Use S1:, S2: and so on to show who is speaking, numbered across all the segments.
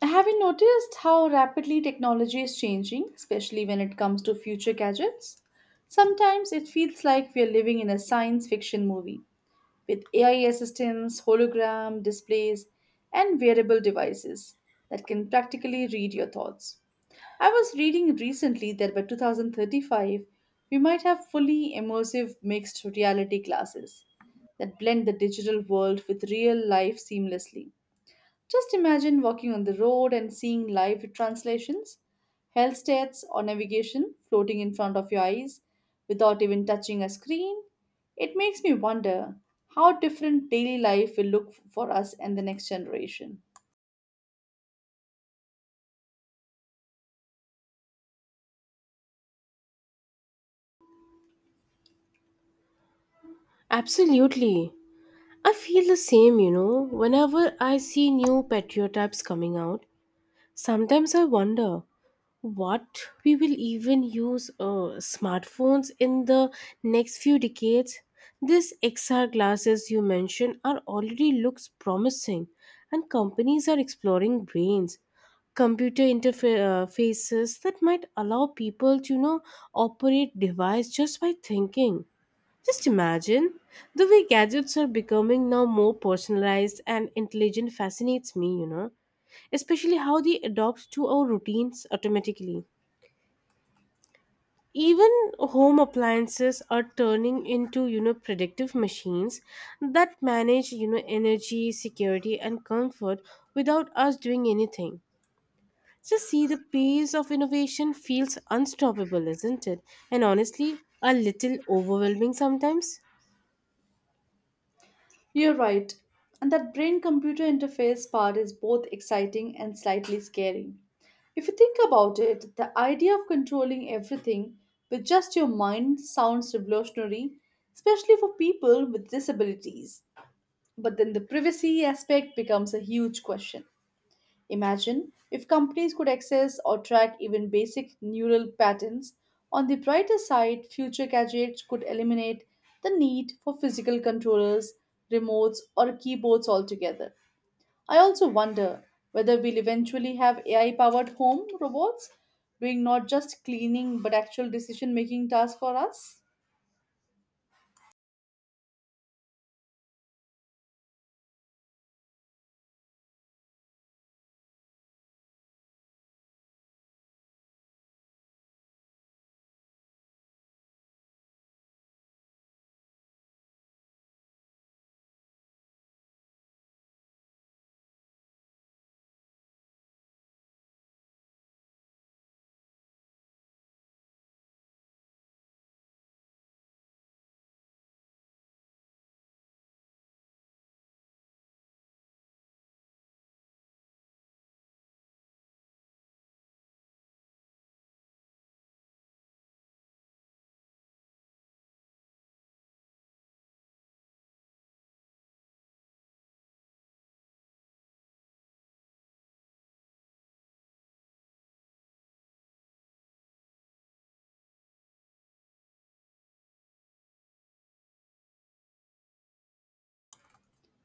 S1: Have you noticed how rapidly technology is changing, especially when it comes to future gadgets? Sometimes it feels like we are living in a science fiction movie with AI assistants, hologram displays, and wearable devices that can practically read your thoughts. I was reading recently that by 2035, we might have fully immersive mixed reality glasses that blend the digital world with real life seamlessly. Just imagine walking on the road and seeing live translations, health stats, or navigation floating in front of your eyes without even touching a screen. It makes me wonder how different daily life will look for us and the next generation.
S2: Absolutely. I feel the same, you know. Whenever I see new patriotypes coming out, sometimes I wonder what we will even use smartphones in the next few decades. These XR glasses you mentioned are already looks promising and companies are exploring brains computer interfaces that might allow people to, you know, operate device just by thinking. Just imagine, the way gadgets are becoming now more personalized and intelligent fascinates me, you know, especially how they adapt to our routines automatically. Even home appliances are turning into, you know, predictive machines that manage, you know, energy, security, and comfort without us doing anything. Just see the pace of innovation feels unstoppable, isn't it? And honestly, a little overwhelming sometimes.
S1: You're right. And that brain computer interface part is both exciting and slightly scary. If you think about it, the idea of controlling everything with just your mind sounds revolutionary, especially for people with disabilities. But then the privacy aspect becomes a huge question. Imagine if companies could access or track even basic neural patterns. On the brighter side, future gadgets could eliminate the need for physical controllers, remotes, or keyboards altogether. I also wonder whether we'll eventually have AI powered home robots doing not just cleaning but actual decision making tasks for us.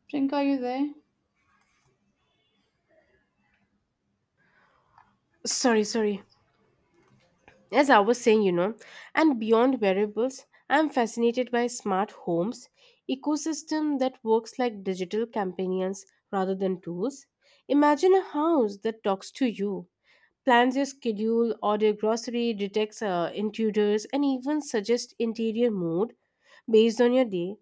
S1: Prinka, are you there?
S2: Sorry, sorry. As I was saying, you know, and beyond wearables, I'm fascinated by smart homes, ecosystem that works like digital companions rather than tools. Imagine a house that talks to you, plans your schedule, order grocery, detects intruders, and even suggests interior mood based on your day.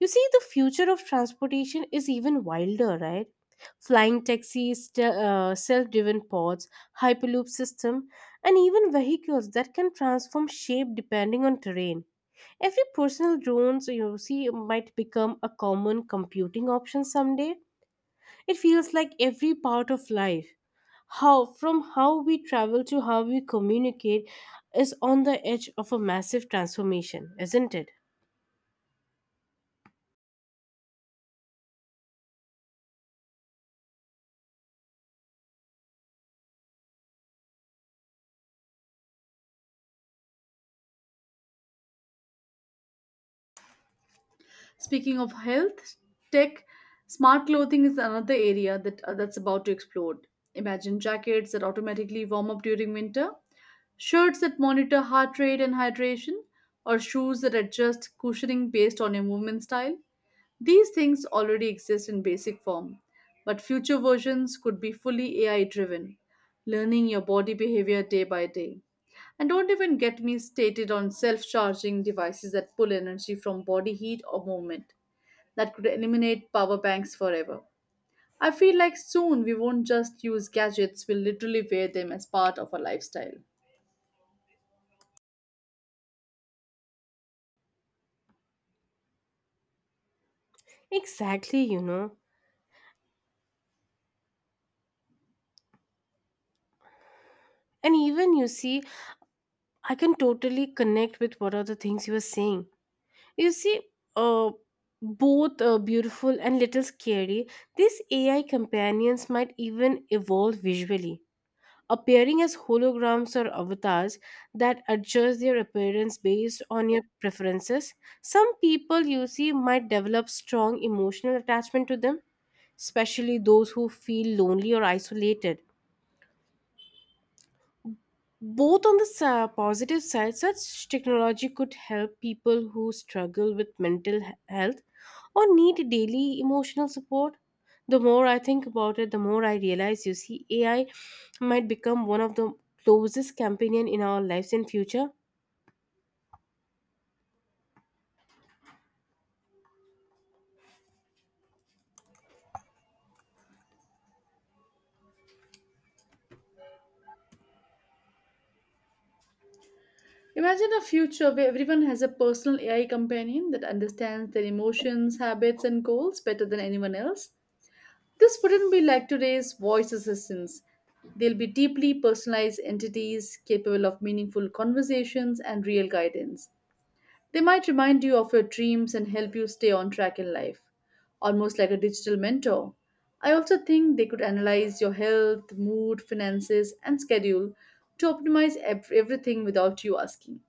S2: You see, the future of transportation is even wilder, right? Flying taxis, self driven pods, hyperloop system, and even vehicles that can transform shape depending on terrain. Every personal drones you see might become a common computing option someday. It feels like every part of life, how from how we travel to how we communicate, is on the edge of a massive transformation, isn't it?
S1: Speaking of health tech, smart clothing is another area that's about to explode. Imagine jackets that automatically warm up during winter, shirts that monitor heart rate and hydration, or shoes that adjust cushioning based on your movement style. These things already exist in basic form, but future versions could be fully AI driven, learning your body behavior day by day. And don't even get me stated on self charging devices that pull energy from body heat or movement that could eliminate power banks forever. I feel like soon we won't just use gadgets, we'll literally wear them as part of our lifestyle.
S2: Exactly, you know. And even you see, I can totally connect with what are the things you were saying. You see, uh, both beautiful and little scary, these AI companions might even evolve visually, appearing as holograms or avatars that adjust their appearance based on your preferences. Some people, you see, might develop strong emotional attachment to them, especially those who feel lonely or isolated. Both on the positive side, such technology could help people who struggle with mental health, or need daily emotional support. The more I think about it, the more I realize, you see, AI might become one of the closest companion in our lives in future.
S1: Imagine a future where everyone has a personal AI companion that understands their emotions, habits, and goals better than anyone else. This wouldn't be like today's voice assistants. They'll be deeply personalized entities capable of meaningful conversations and real guidance. They might remind you of your dreams and help you stay on track in life, almost like a digital mentor. I also think they could analyze your health, mood, finances, and schedule to optimize everything without you asking.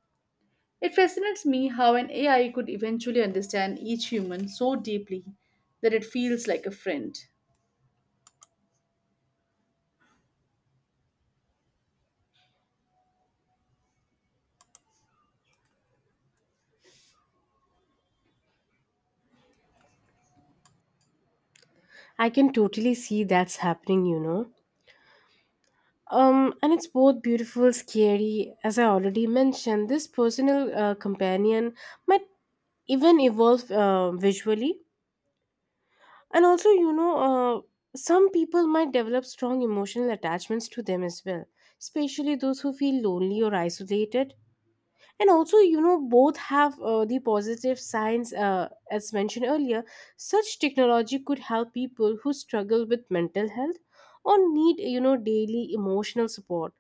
S1: It fascinates me how an AI could eventually understand each human so deeply that it feels like a friend.
S2: I can totally see that's happening, you know. And it's both beautiful scary as I already mentioned. This personal companion might even evolve visually. And also, you know, some people might develop strong emotional attachments to them as well, especially those who feel lonely or isolated. And also, you know, both have the positive signs, as mentioned earlier. Such technology could help people who struggle with mental health or need, you know, daily emotional support.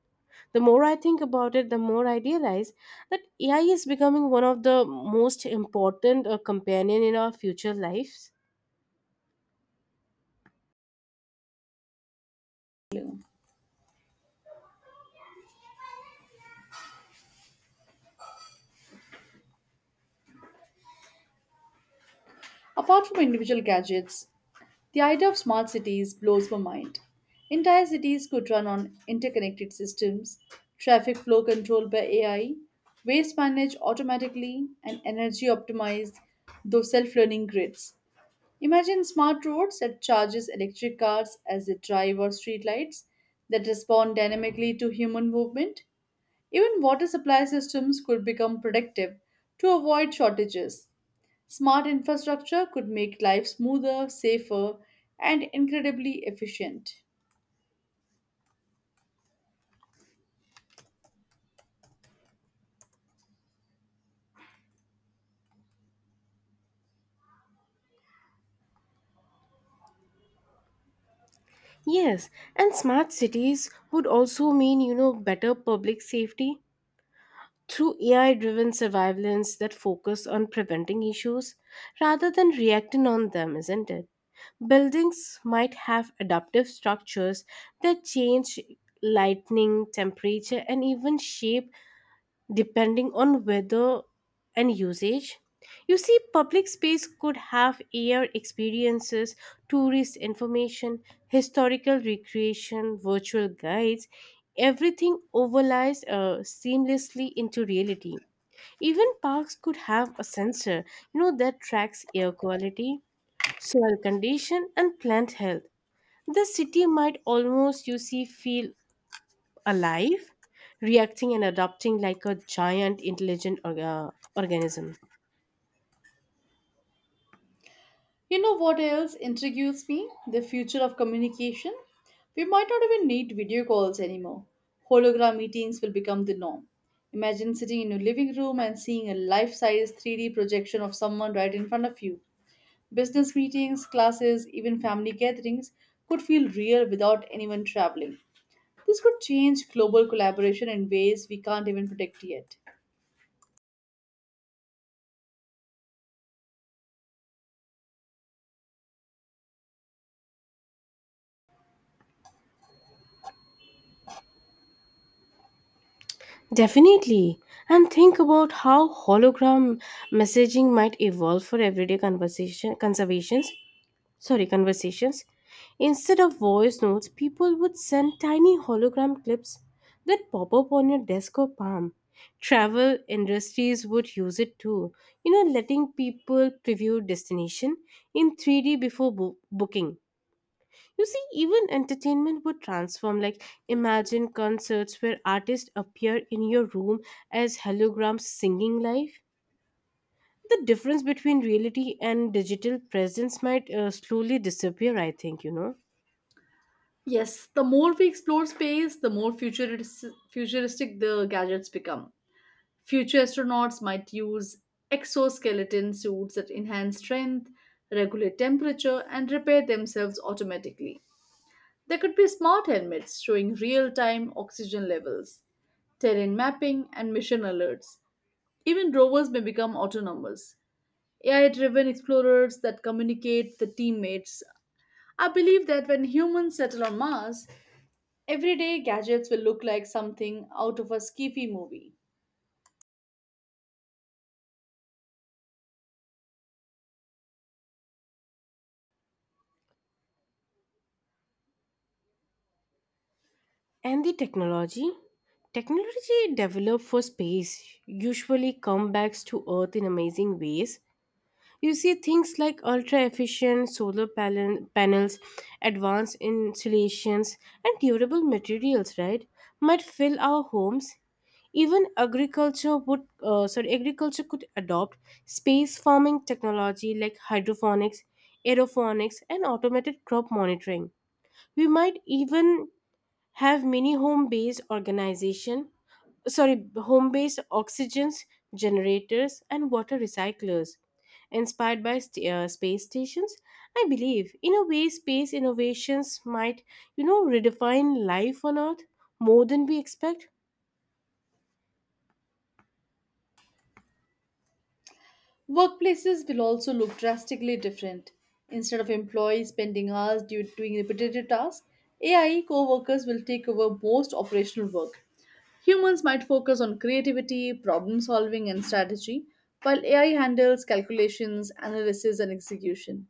S2: The more I think about it, the more I realize that AI is becoming one of the most important companion in our future lives.
S1: Apart from individual gadgets, the idea of smart cities blows my mind. Entire cities could run on interconnected systems, traffic flow controlled by AI, waste managed automatically, and energy optimized through self-learning grids. Imagine smart roads that charges electric cars as they drive or streetlights that respond dynamically to human movement. Even water supply systems could become predictive to avoid shortages. Smart infrastructure could make life smoother, safer, and incredibly efficient.
S2: Yes, and smart cities would also mean, you know, better public safety through AI driven surveillance that focus on preventing issues rather than reacting on them, isn't it? Buildings might have adaptive structures that change lightning, temperature, and even shape depending on weather and usage. You see, public space could have air experiences, tourist information, historical recreation, virtual guides. Everything overlies seamlessly into reality. Even parks could have a sensor, you know, that tracks air quality, soil condition, and plant health. The city might almost, you see, feel alive, reacting and adapting like a giant intelligent organism.
S1: You know what else intrigues me? The future of communication. We might not even need video calls anymore. Hologram meetings will become the norm. Imagine sitting in your living room and seeing a life size 3D projection of someone right in front of you. Business meetings, classes, even family gatherings could feel real without anyone traveling. This could change global collaboration in ways we can't even predict yet.
S2: Definitely. And think about how hologram messaging might evolve for everyday conversation conservations. Sorry, conversations. Instead of voice notes, people would send tiny hologram clips that pop up on your desk or palm. Travel industries would use it too, you know, letting people preview destination in 3D before booking. You see, even entertainment would transform. Like, imagine concerts where artists appear in your room as holograms singing live. The difference between reality and digital presence might slowly disappear, I think, you know.
S1: Yes, the more we explore space, the more futuristic the gadgets become. Future astronauts might use exoskeleton suits that enhance strength, regulate temperature, and repair themselves automatically. There could be smart helmets showing real time oxygen levels, terrain mapping, and mission alerts. Even rovers may become autonomous, AI driven explorers that communicate the teammates. I believe that when humans settle on Mars, everyday gadgets will look like something out of a skiffy movie.
S2: And the technology? Technology developed for space usually comes back to Earth in amazing ways. You see, things like ultra efficient solar panels, advanced insulations, and durable materials, right, might fill our homes. Even agriculture could adopt space farming technology like hydroponics, aeroponics, and automated crop monitoring. We might even have many home-based organization sorry home-based oxygen generators and water recyclers inspired by space stations. I believe, in a way, space innovations might, you know, redefine life on Earth more than we expect.
S1: Workplaces will also look drastically different. Instead of employees spending hours doing repetitive tasks, AI co workers will take over most operational work. Humans might focus on creativity, problem solving, and strategy, while AI handles calculations, analysis, and execution.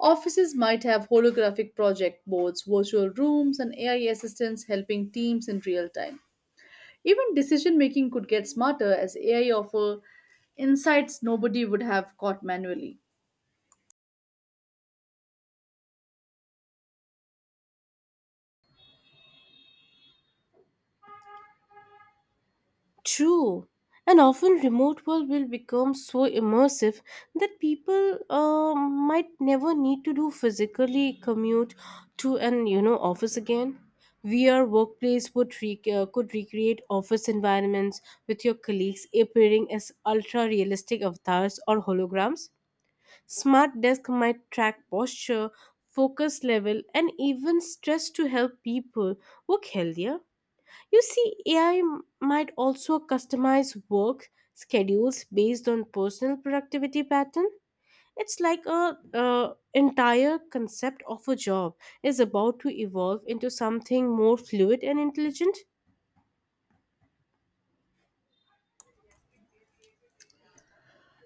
S1: Offices might have holographic project boards, virtual rooms, and AI assistants helping teams in real time. Even decision making could get smarter as AI offer insights nobody would have caught manually.
S2: True. And often remote work will become so immersive that people might never need to do physically commute to an, you know, office again. VR workplace could recreate office environments with your colleagues appearing as ultra realistic avatars or holograms. Smart desk might track posture, focus level, and even stress to help people work healthier. You see, AI might also customize work schedules based on personal productivity pattern. It's like a entire concept of a job is about to evolve into something more fluid and intelligent.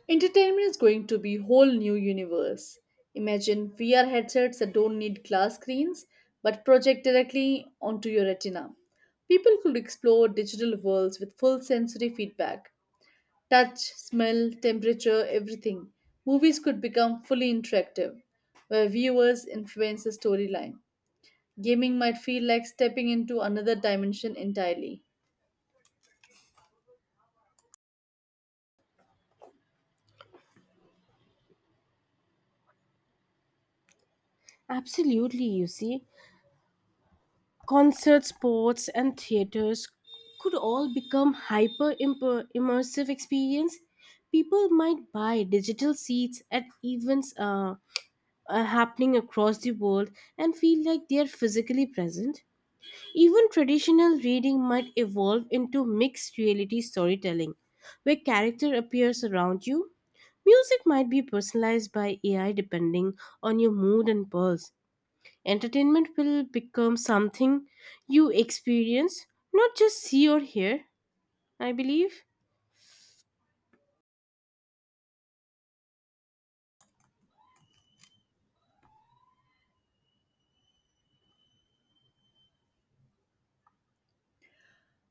S1: Entertainment is going to be whole new universe. Imagine VR headsets that don't need glass screens but project directly onto your retina. People could explore digital worlds with full sensory feedback. Touch, smell, temperature, everything. Movies could become fully interactive, where viewers influence the storyline. Gaming might feel like stepping into another dimension entirely.
S2: Absolutely, you see, concert sports and theaters could all become hyper immersive experience. People might buy digital seats at events happening across the world and feel like they are physically present. Even traditional reading might evolve into mixed reality storytelling, where character appears around you. Music might be personalized by AI depending on your mood and pulse. Entertainment will become something you experience, not just see or hear, I believe.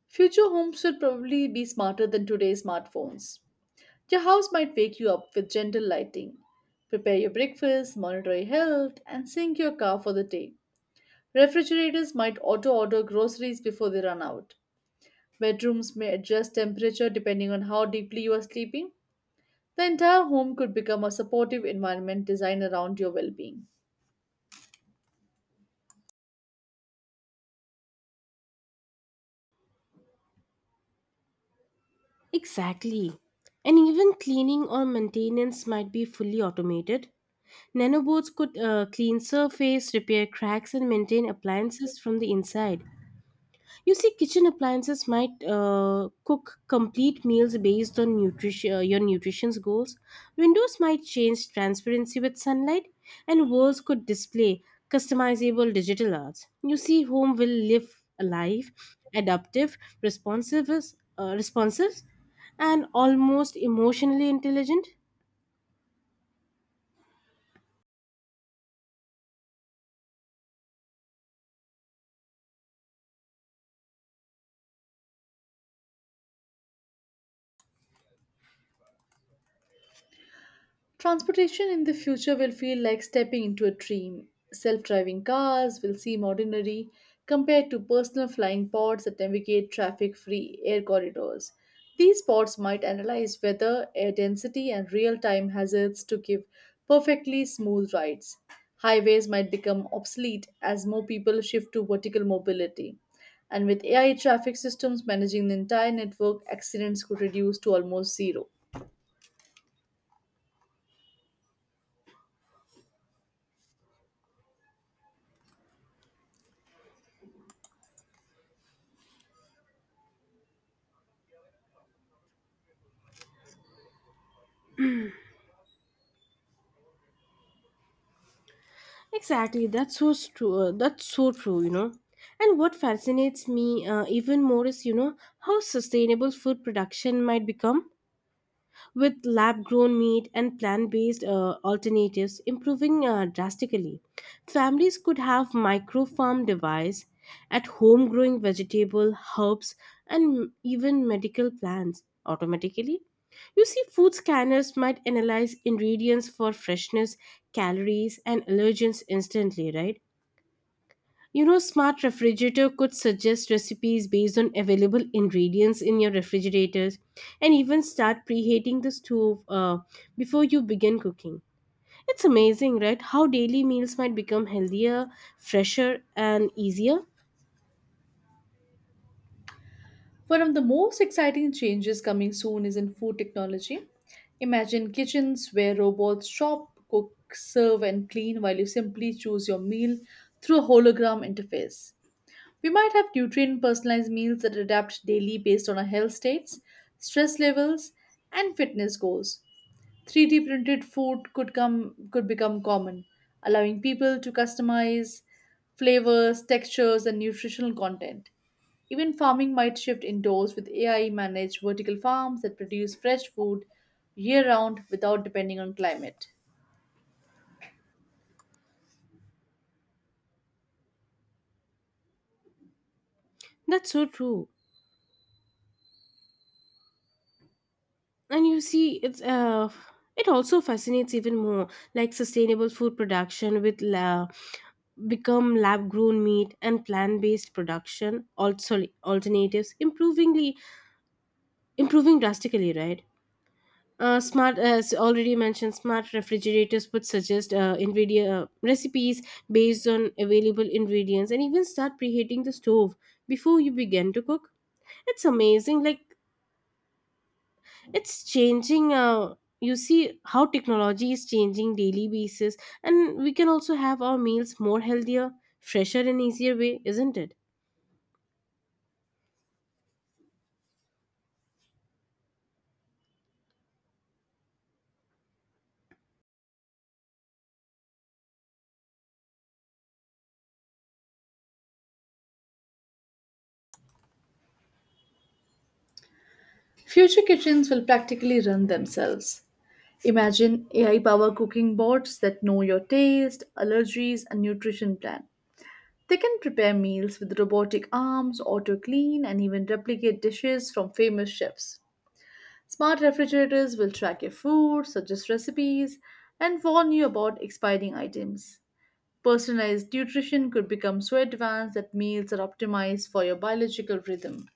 S1: Future homes will probably be smarter than today's smartphones. Your house might wake you up with gentle lighting, prepare your breakfast, monitor your health, and sync your car for the day. Refrigerators might auto order groceries before they run out. Bedrooms may adjust temperature depending on how deeply you are sleeping. The entire home could become a supportive environment designed around your well being.
S2: Exactly. And even cleaning or maintenance might be fully automated. Nanobots could clean surface, repair cracks, and maintain appliances from the inside. You see, kitchen appliances might cook complete meals based on your nutrition's goals. Windows might change transparency with sunlight, and walls could display customizable digital arts. You see, home will live alive, adaptive, responsive, and almost emotionally intelligent.
S1: Transportation in the future will feel like stepping into a dream. Self driving cars will seem ordinary compared to personal flying pods that navigate traffic free air corridors. These pods might analyze weather, air density, and real time hazards to give perfectly smooth rides. Highways might become obsolete as more people shift to vertical mobility. And with AI traffic systems managing the entire network, accidents could reduce to almost zero.
S2: Exactly, that's so true. That's so true, you know. And what fascinates me even more is, you know, how sustainable food production might become with lab grown meat and plant based alternatives improving drastically. Families could have micro farm device at home growing vegetable, herbs, and even medical plants automatically. You see, food scanners might analyze ingredients for freshness, calories, and allergens instantly, right? You know, smart refrigerator could suggest recipes based on available ingredients in your refrigerators and even start preheating the stove before you begin cooking. It's amazing, right? How daily meals might become healthier, fresher, and easier.
S1: One of the most exciting changes coming soon is in food technology. Imagine kitchens where robots shop, cook, serve, and clean while you simply choose your meal through a hologram interface. We might have nutrient personalized meals that adapt daily based on our health states, stress levels, and fitness goals. 3D printed food could become common, allowing people to customize flavors, textures, and nutritional content. Even farming might shift indoors with AI managed vertical farms that produce fresh food year round without depending on climate.
S2: That's so true. And you see, it's it also fascinates even more, like sustainable food production with la- become lab grown meat and plant based production also alternatives improving drastically, right? Smart, as already mentioned, smart refrigerators would suggest ingredient recipes based on available ingredients and even start preheating the stove before you begin to cook. It's amazing, like it's changing. You see how technology is changing daily basis, and we can also have our meals more healthier, fresher, and easier way, isn't it?
S1: Future kitchens will practically run themselves. Imagine AI power cooking bots that know your taste, allergies, and nutrition plan. They can prepare meals with robotic arms, auto clean, and even replicate dishes from famous chefs. Smart refrigerators will track your food, suggest recipes, and warn you about expiring items. Personalized nutrition could become so advanced that meals are optimized for your biological rhythm.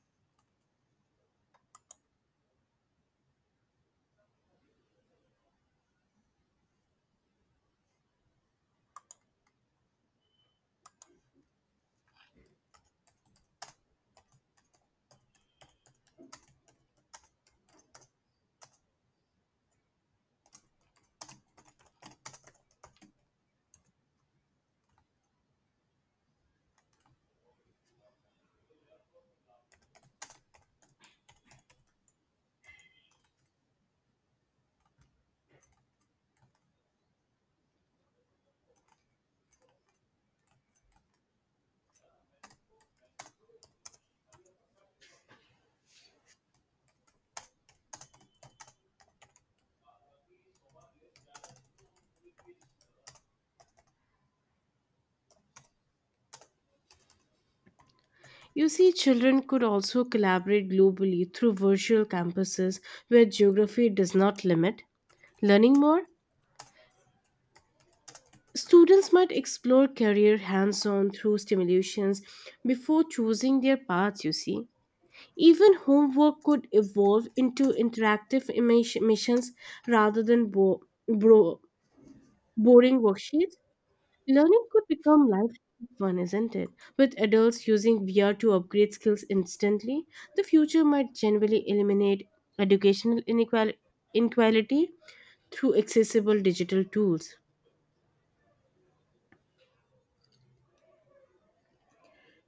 S2: You see, children could also collaborate globally through virtual campuses where geography does not limit. Learning more, students might explore career hands on through stimulations before choosing their paths, you see. Even homework could evolve into interactive missions rather than bro- boring worksheets. Learning could become life fun, isn't it? With adults using VR to upgrade skills instantly, the future might generally eliminate educational inequality through accessible digital tools.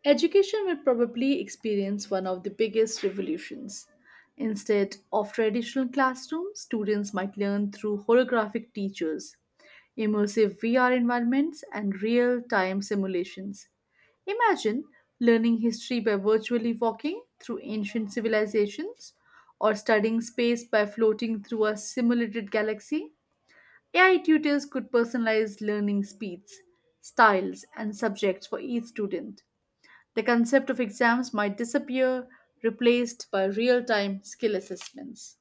S1: Education will probably experience one of the biggest revolutions. Instead of traditional classrooms, students might learn through holographic teachers, immersive VR environments, and real time simulations. Imagine learning history by virtually walking through ancient civilizations or studying space by floating through a simulated galaxy. AI tutors could personalize learning speeds, styles, and subjects for each student. The concept of exams might disappear, replaced by real time skill assessments.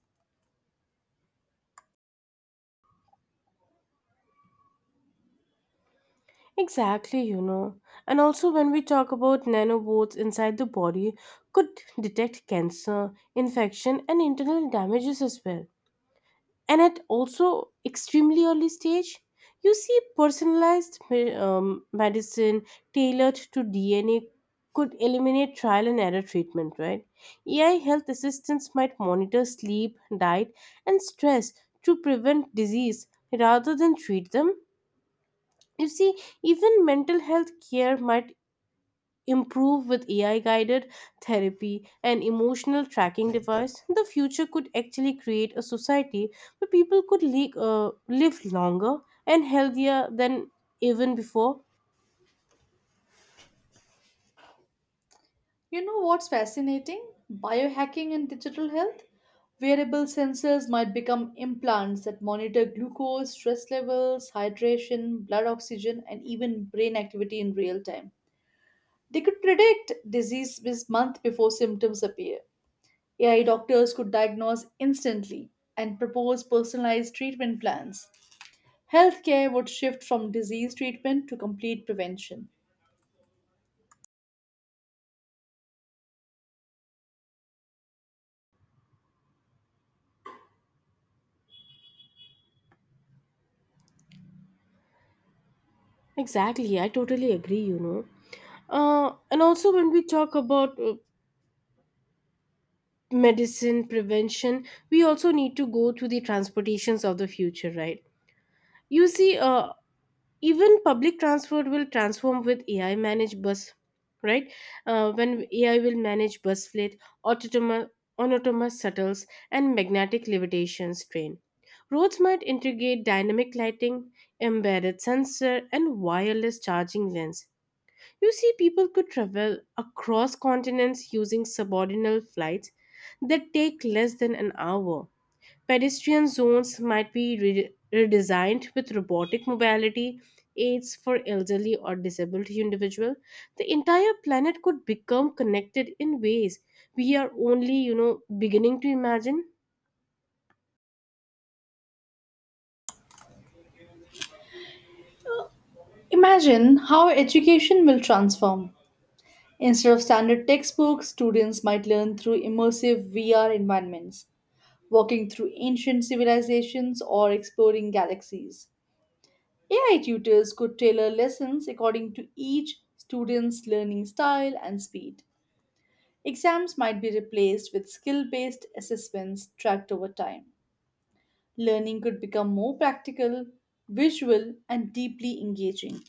S2: Exactly, you know. And also, when we talk about nanobots inside the body, could detect cancer, infection, and internal damages as well, and at also extremely early stage. You see, medicine tailored to DNA could eliminate trial and error treatment, right? AI health assistants might monitor sleep, diet, and stress to prevent disease rather than treat them. You see, even mental health care might improve with AI guided therapy and emotional tracking device. The future could actually create a society where people could live longer and healthier than even before.
S1: You know what's fascinating? Biohacking and digital health? Wearable sensors might become implants that monitor glucose, stress levels, hydration, blood oxygen, and even brain activity in real time. They could predict disease this month before symptoms appear. AI doctors could diagnose instantly and propose personalized treatment plans. Healthcare would shift from disease treatment to complete prevention.
S2: Exactly, I totally agree, you know. And also, when we talk about medicine prevention, we also need to go to the transportations of the future, right? You see, even public transport will transform with AI managed bus, right? When AI will manage bus fleet, autonomous autonomous shuttles, and magnetic levitations train. Roads might integrate dynamic lighting, embedded sensor, and wireless charging lanes. You see, people could travel across continents using subordinate flights that take less than an hour. Pedestrian zones might be redesigned with robotic mobility aids for elderly or disabled individual. The entire planet could become connected in ways we are only, you know, beginning to imagine.
S1: Imagine how education will transform. Instead of standard textbooks, students might learn through immersive VR environments, walking through ancient civilizations or exploring galaxies. AI tutors could tailor lessons according to each student's learning style and speed. Exams might be replaced with skill based assessments tracked over time. Learning could become more practical, visual, and deeply engaging.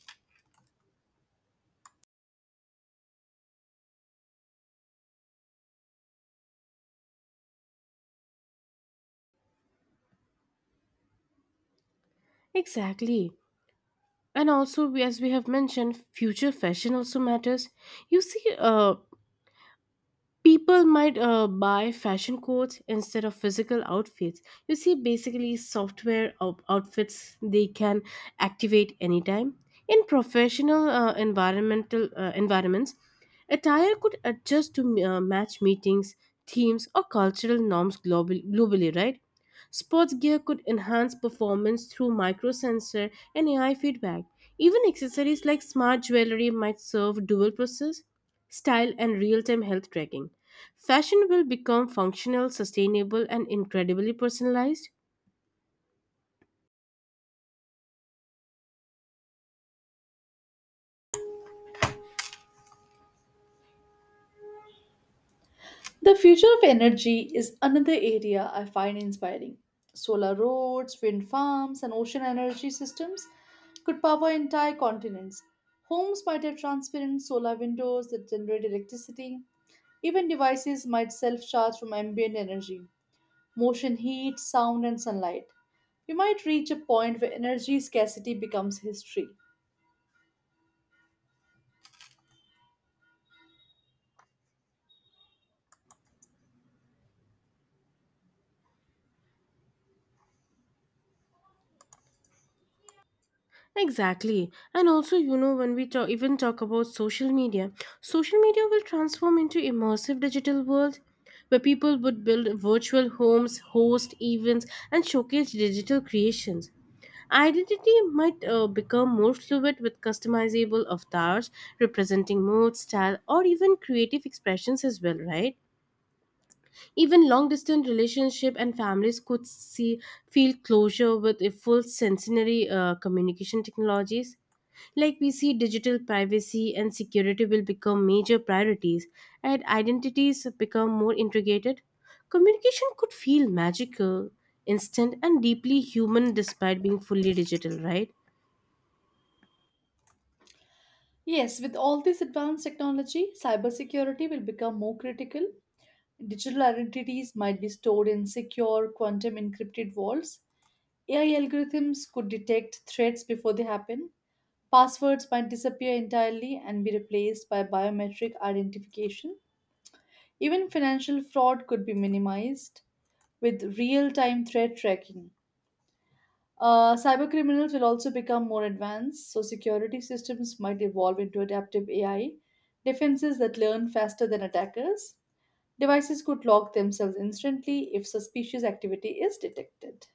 S2: Exactly. And also, as we have mentioned, future fashion also matters. You see, people might buy fashion codes instead of physical outfits. You see, basically software outfits they can activate anytime. In professional environmental environments, attire could adjust to match meetings themes or cultural norms globally, right? Sports gear could enhance performance through microsensor and AI feedback. Even accessories like smart jewelry might serve dual purposes, style, and real time health tracking. Fashion will become functional, sustainable, and incredibly personalized.
S1: The future of energy is another area I find inspiring. Solar roads, wind farms, and ocean energy systems could power entire continents. Homes might have transparent solar windows that generate electricity. Even devices might self charge from ambient energy, motion, heat, sound, and sunlight. We might reach a point where energy scarcity becomes history.
S2: Exactly. And also, you know, when we talk, even talk about social media will transform into immersive digital world where people would build virtual homes, host events, and showcase digital creations. Identity might become more fluid with customizable avatars representing mood, style, or even creative expressions as well, right? Even long distance relationships and families could see feel closure with a full sensory communication technologies. Like we see, digital privacy and security will become major priorities, and identities become more integrated. Communication could feel magical, instant, and deeply human despite being fully digital, right?
S1: Yes, with all this advanced technology, cybersecurity will become more critical. Digital identities might be stored in secure, quantum encrypted vaults. AI algorithms could detect threats before they happen. Passwords might disappear entirely and be replaced by biometric identification. Even financial fraud could be minimized with real time threat tracking. Cyber criminals will also become more advanced, so security systems might evolve into adaptive AI, defenses that learn faster than attackers. Devices could lock themselves instantly if suspicious activity is detected.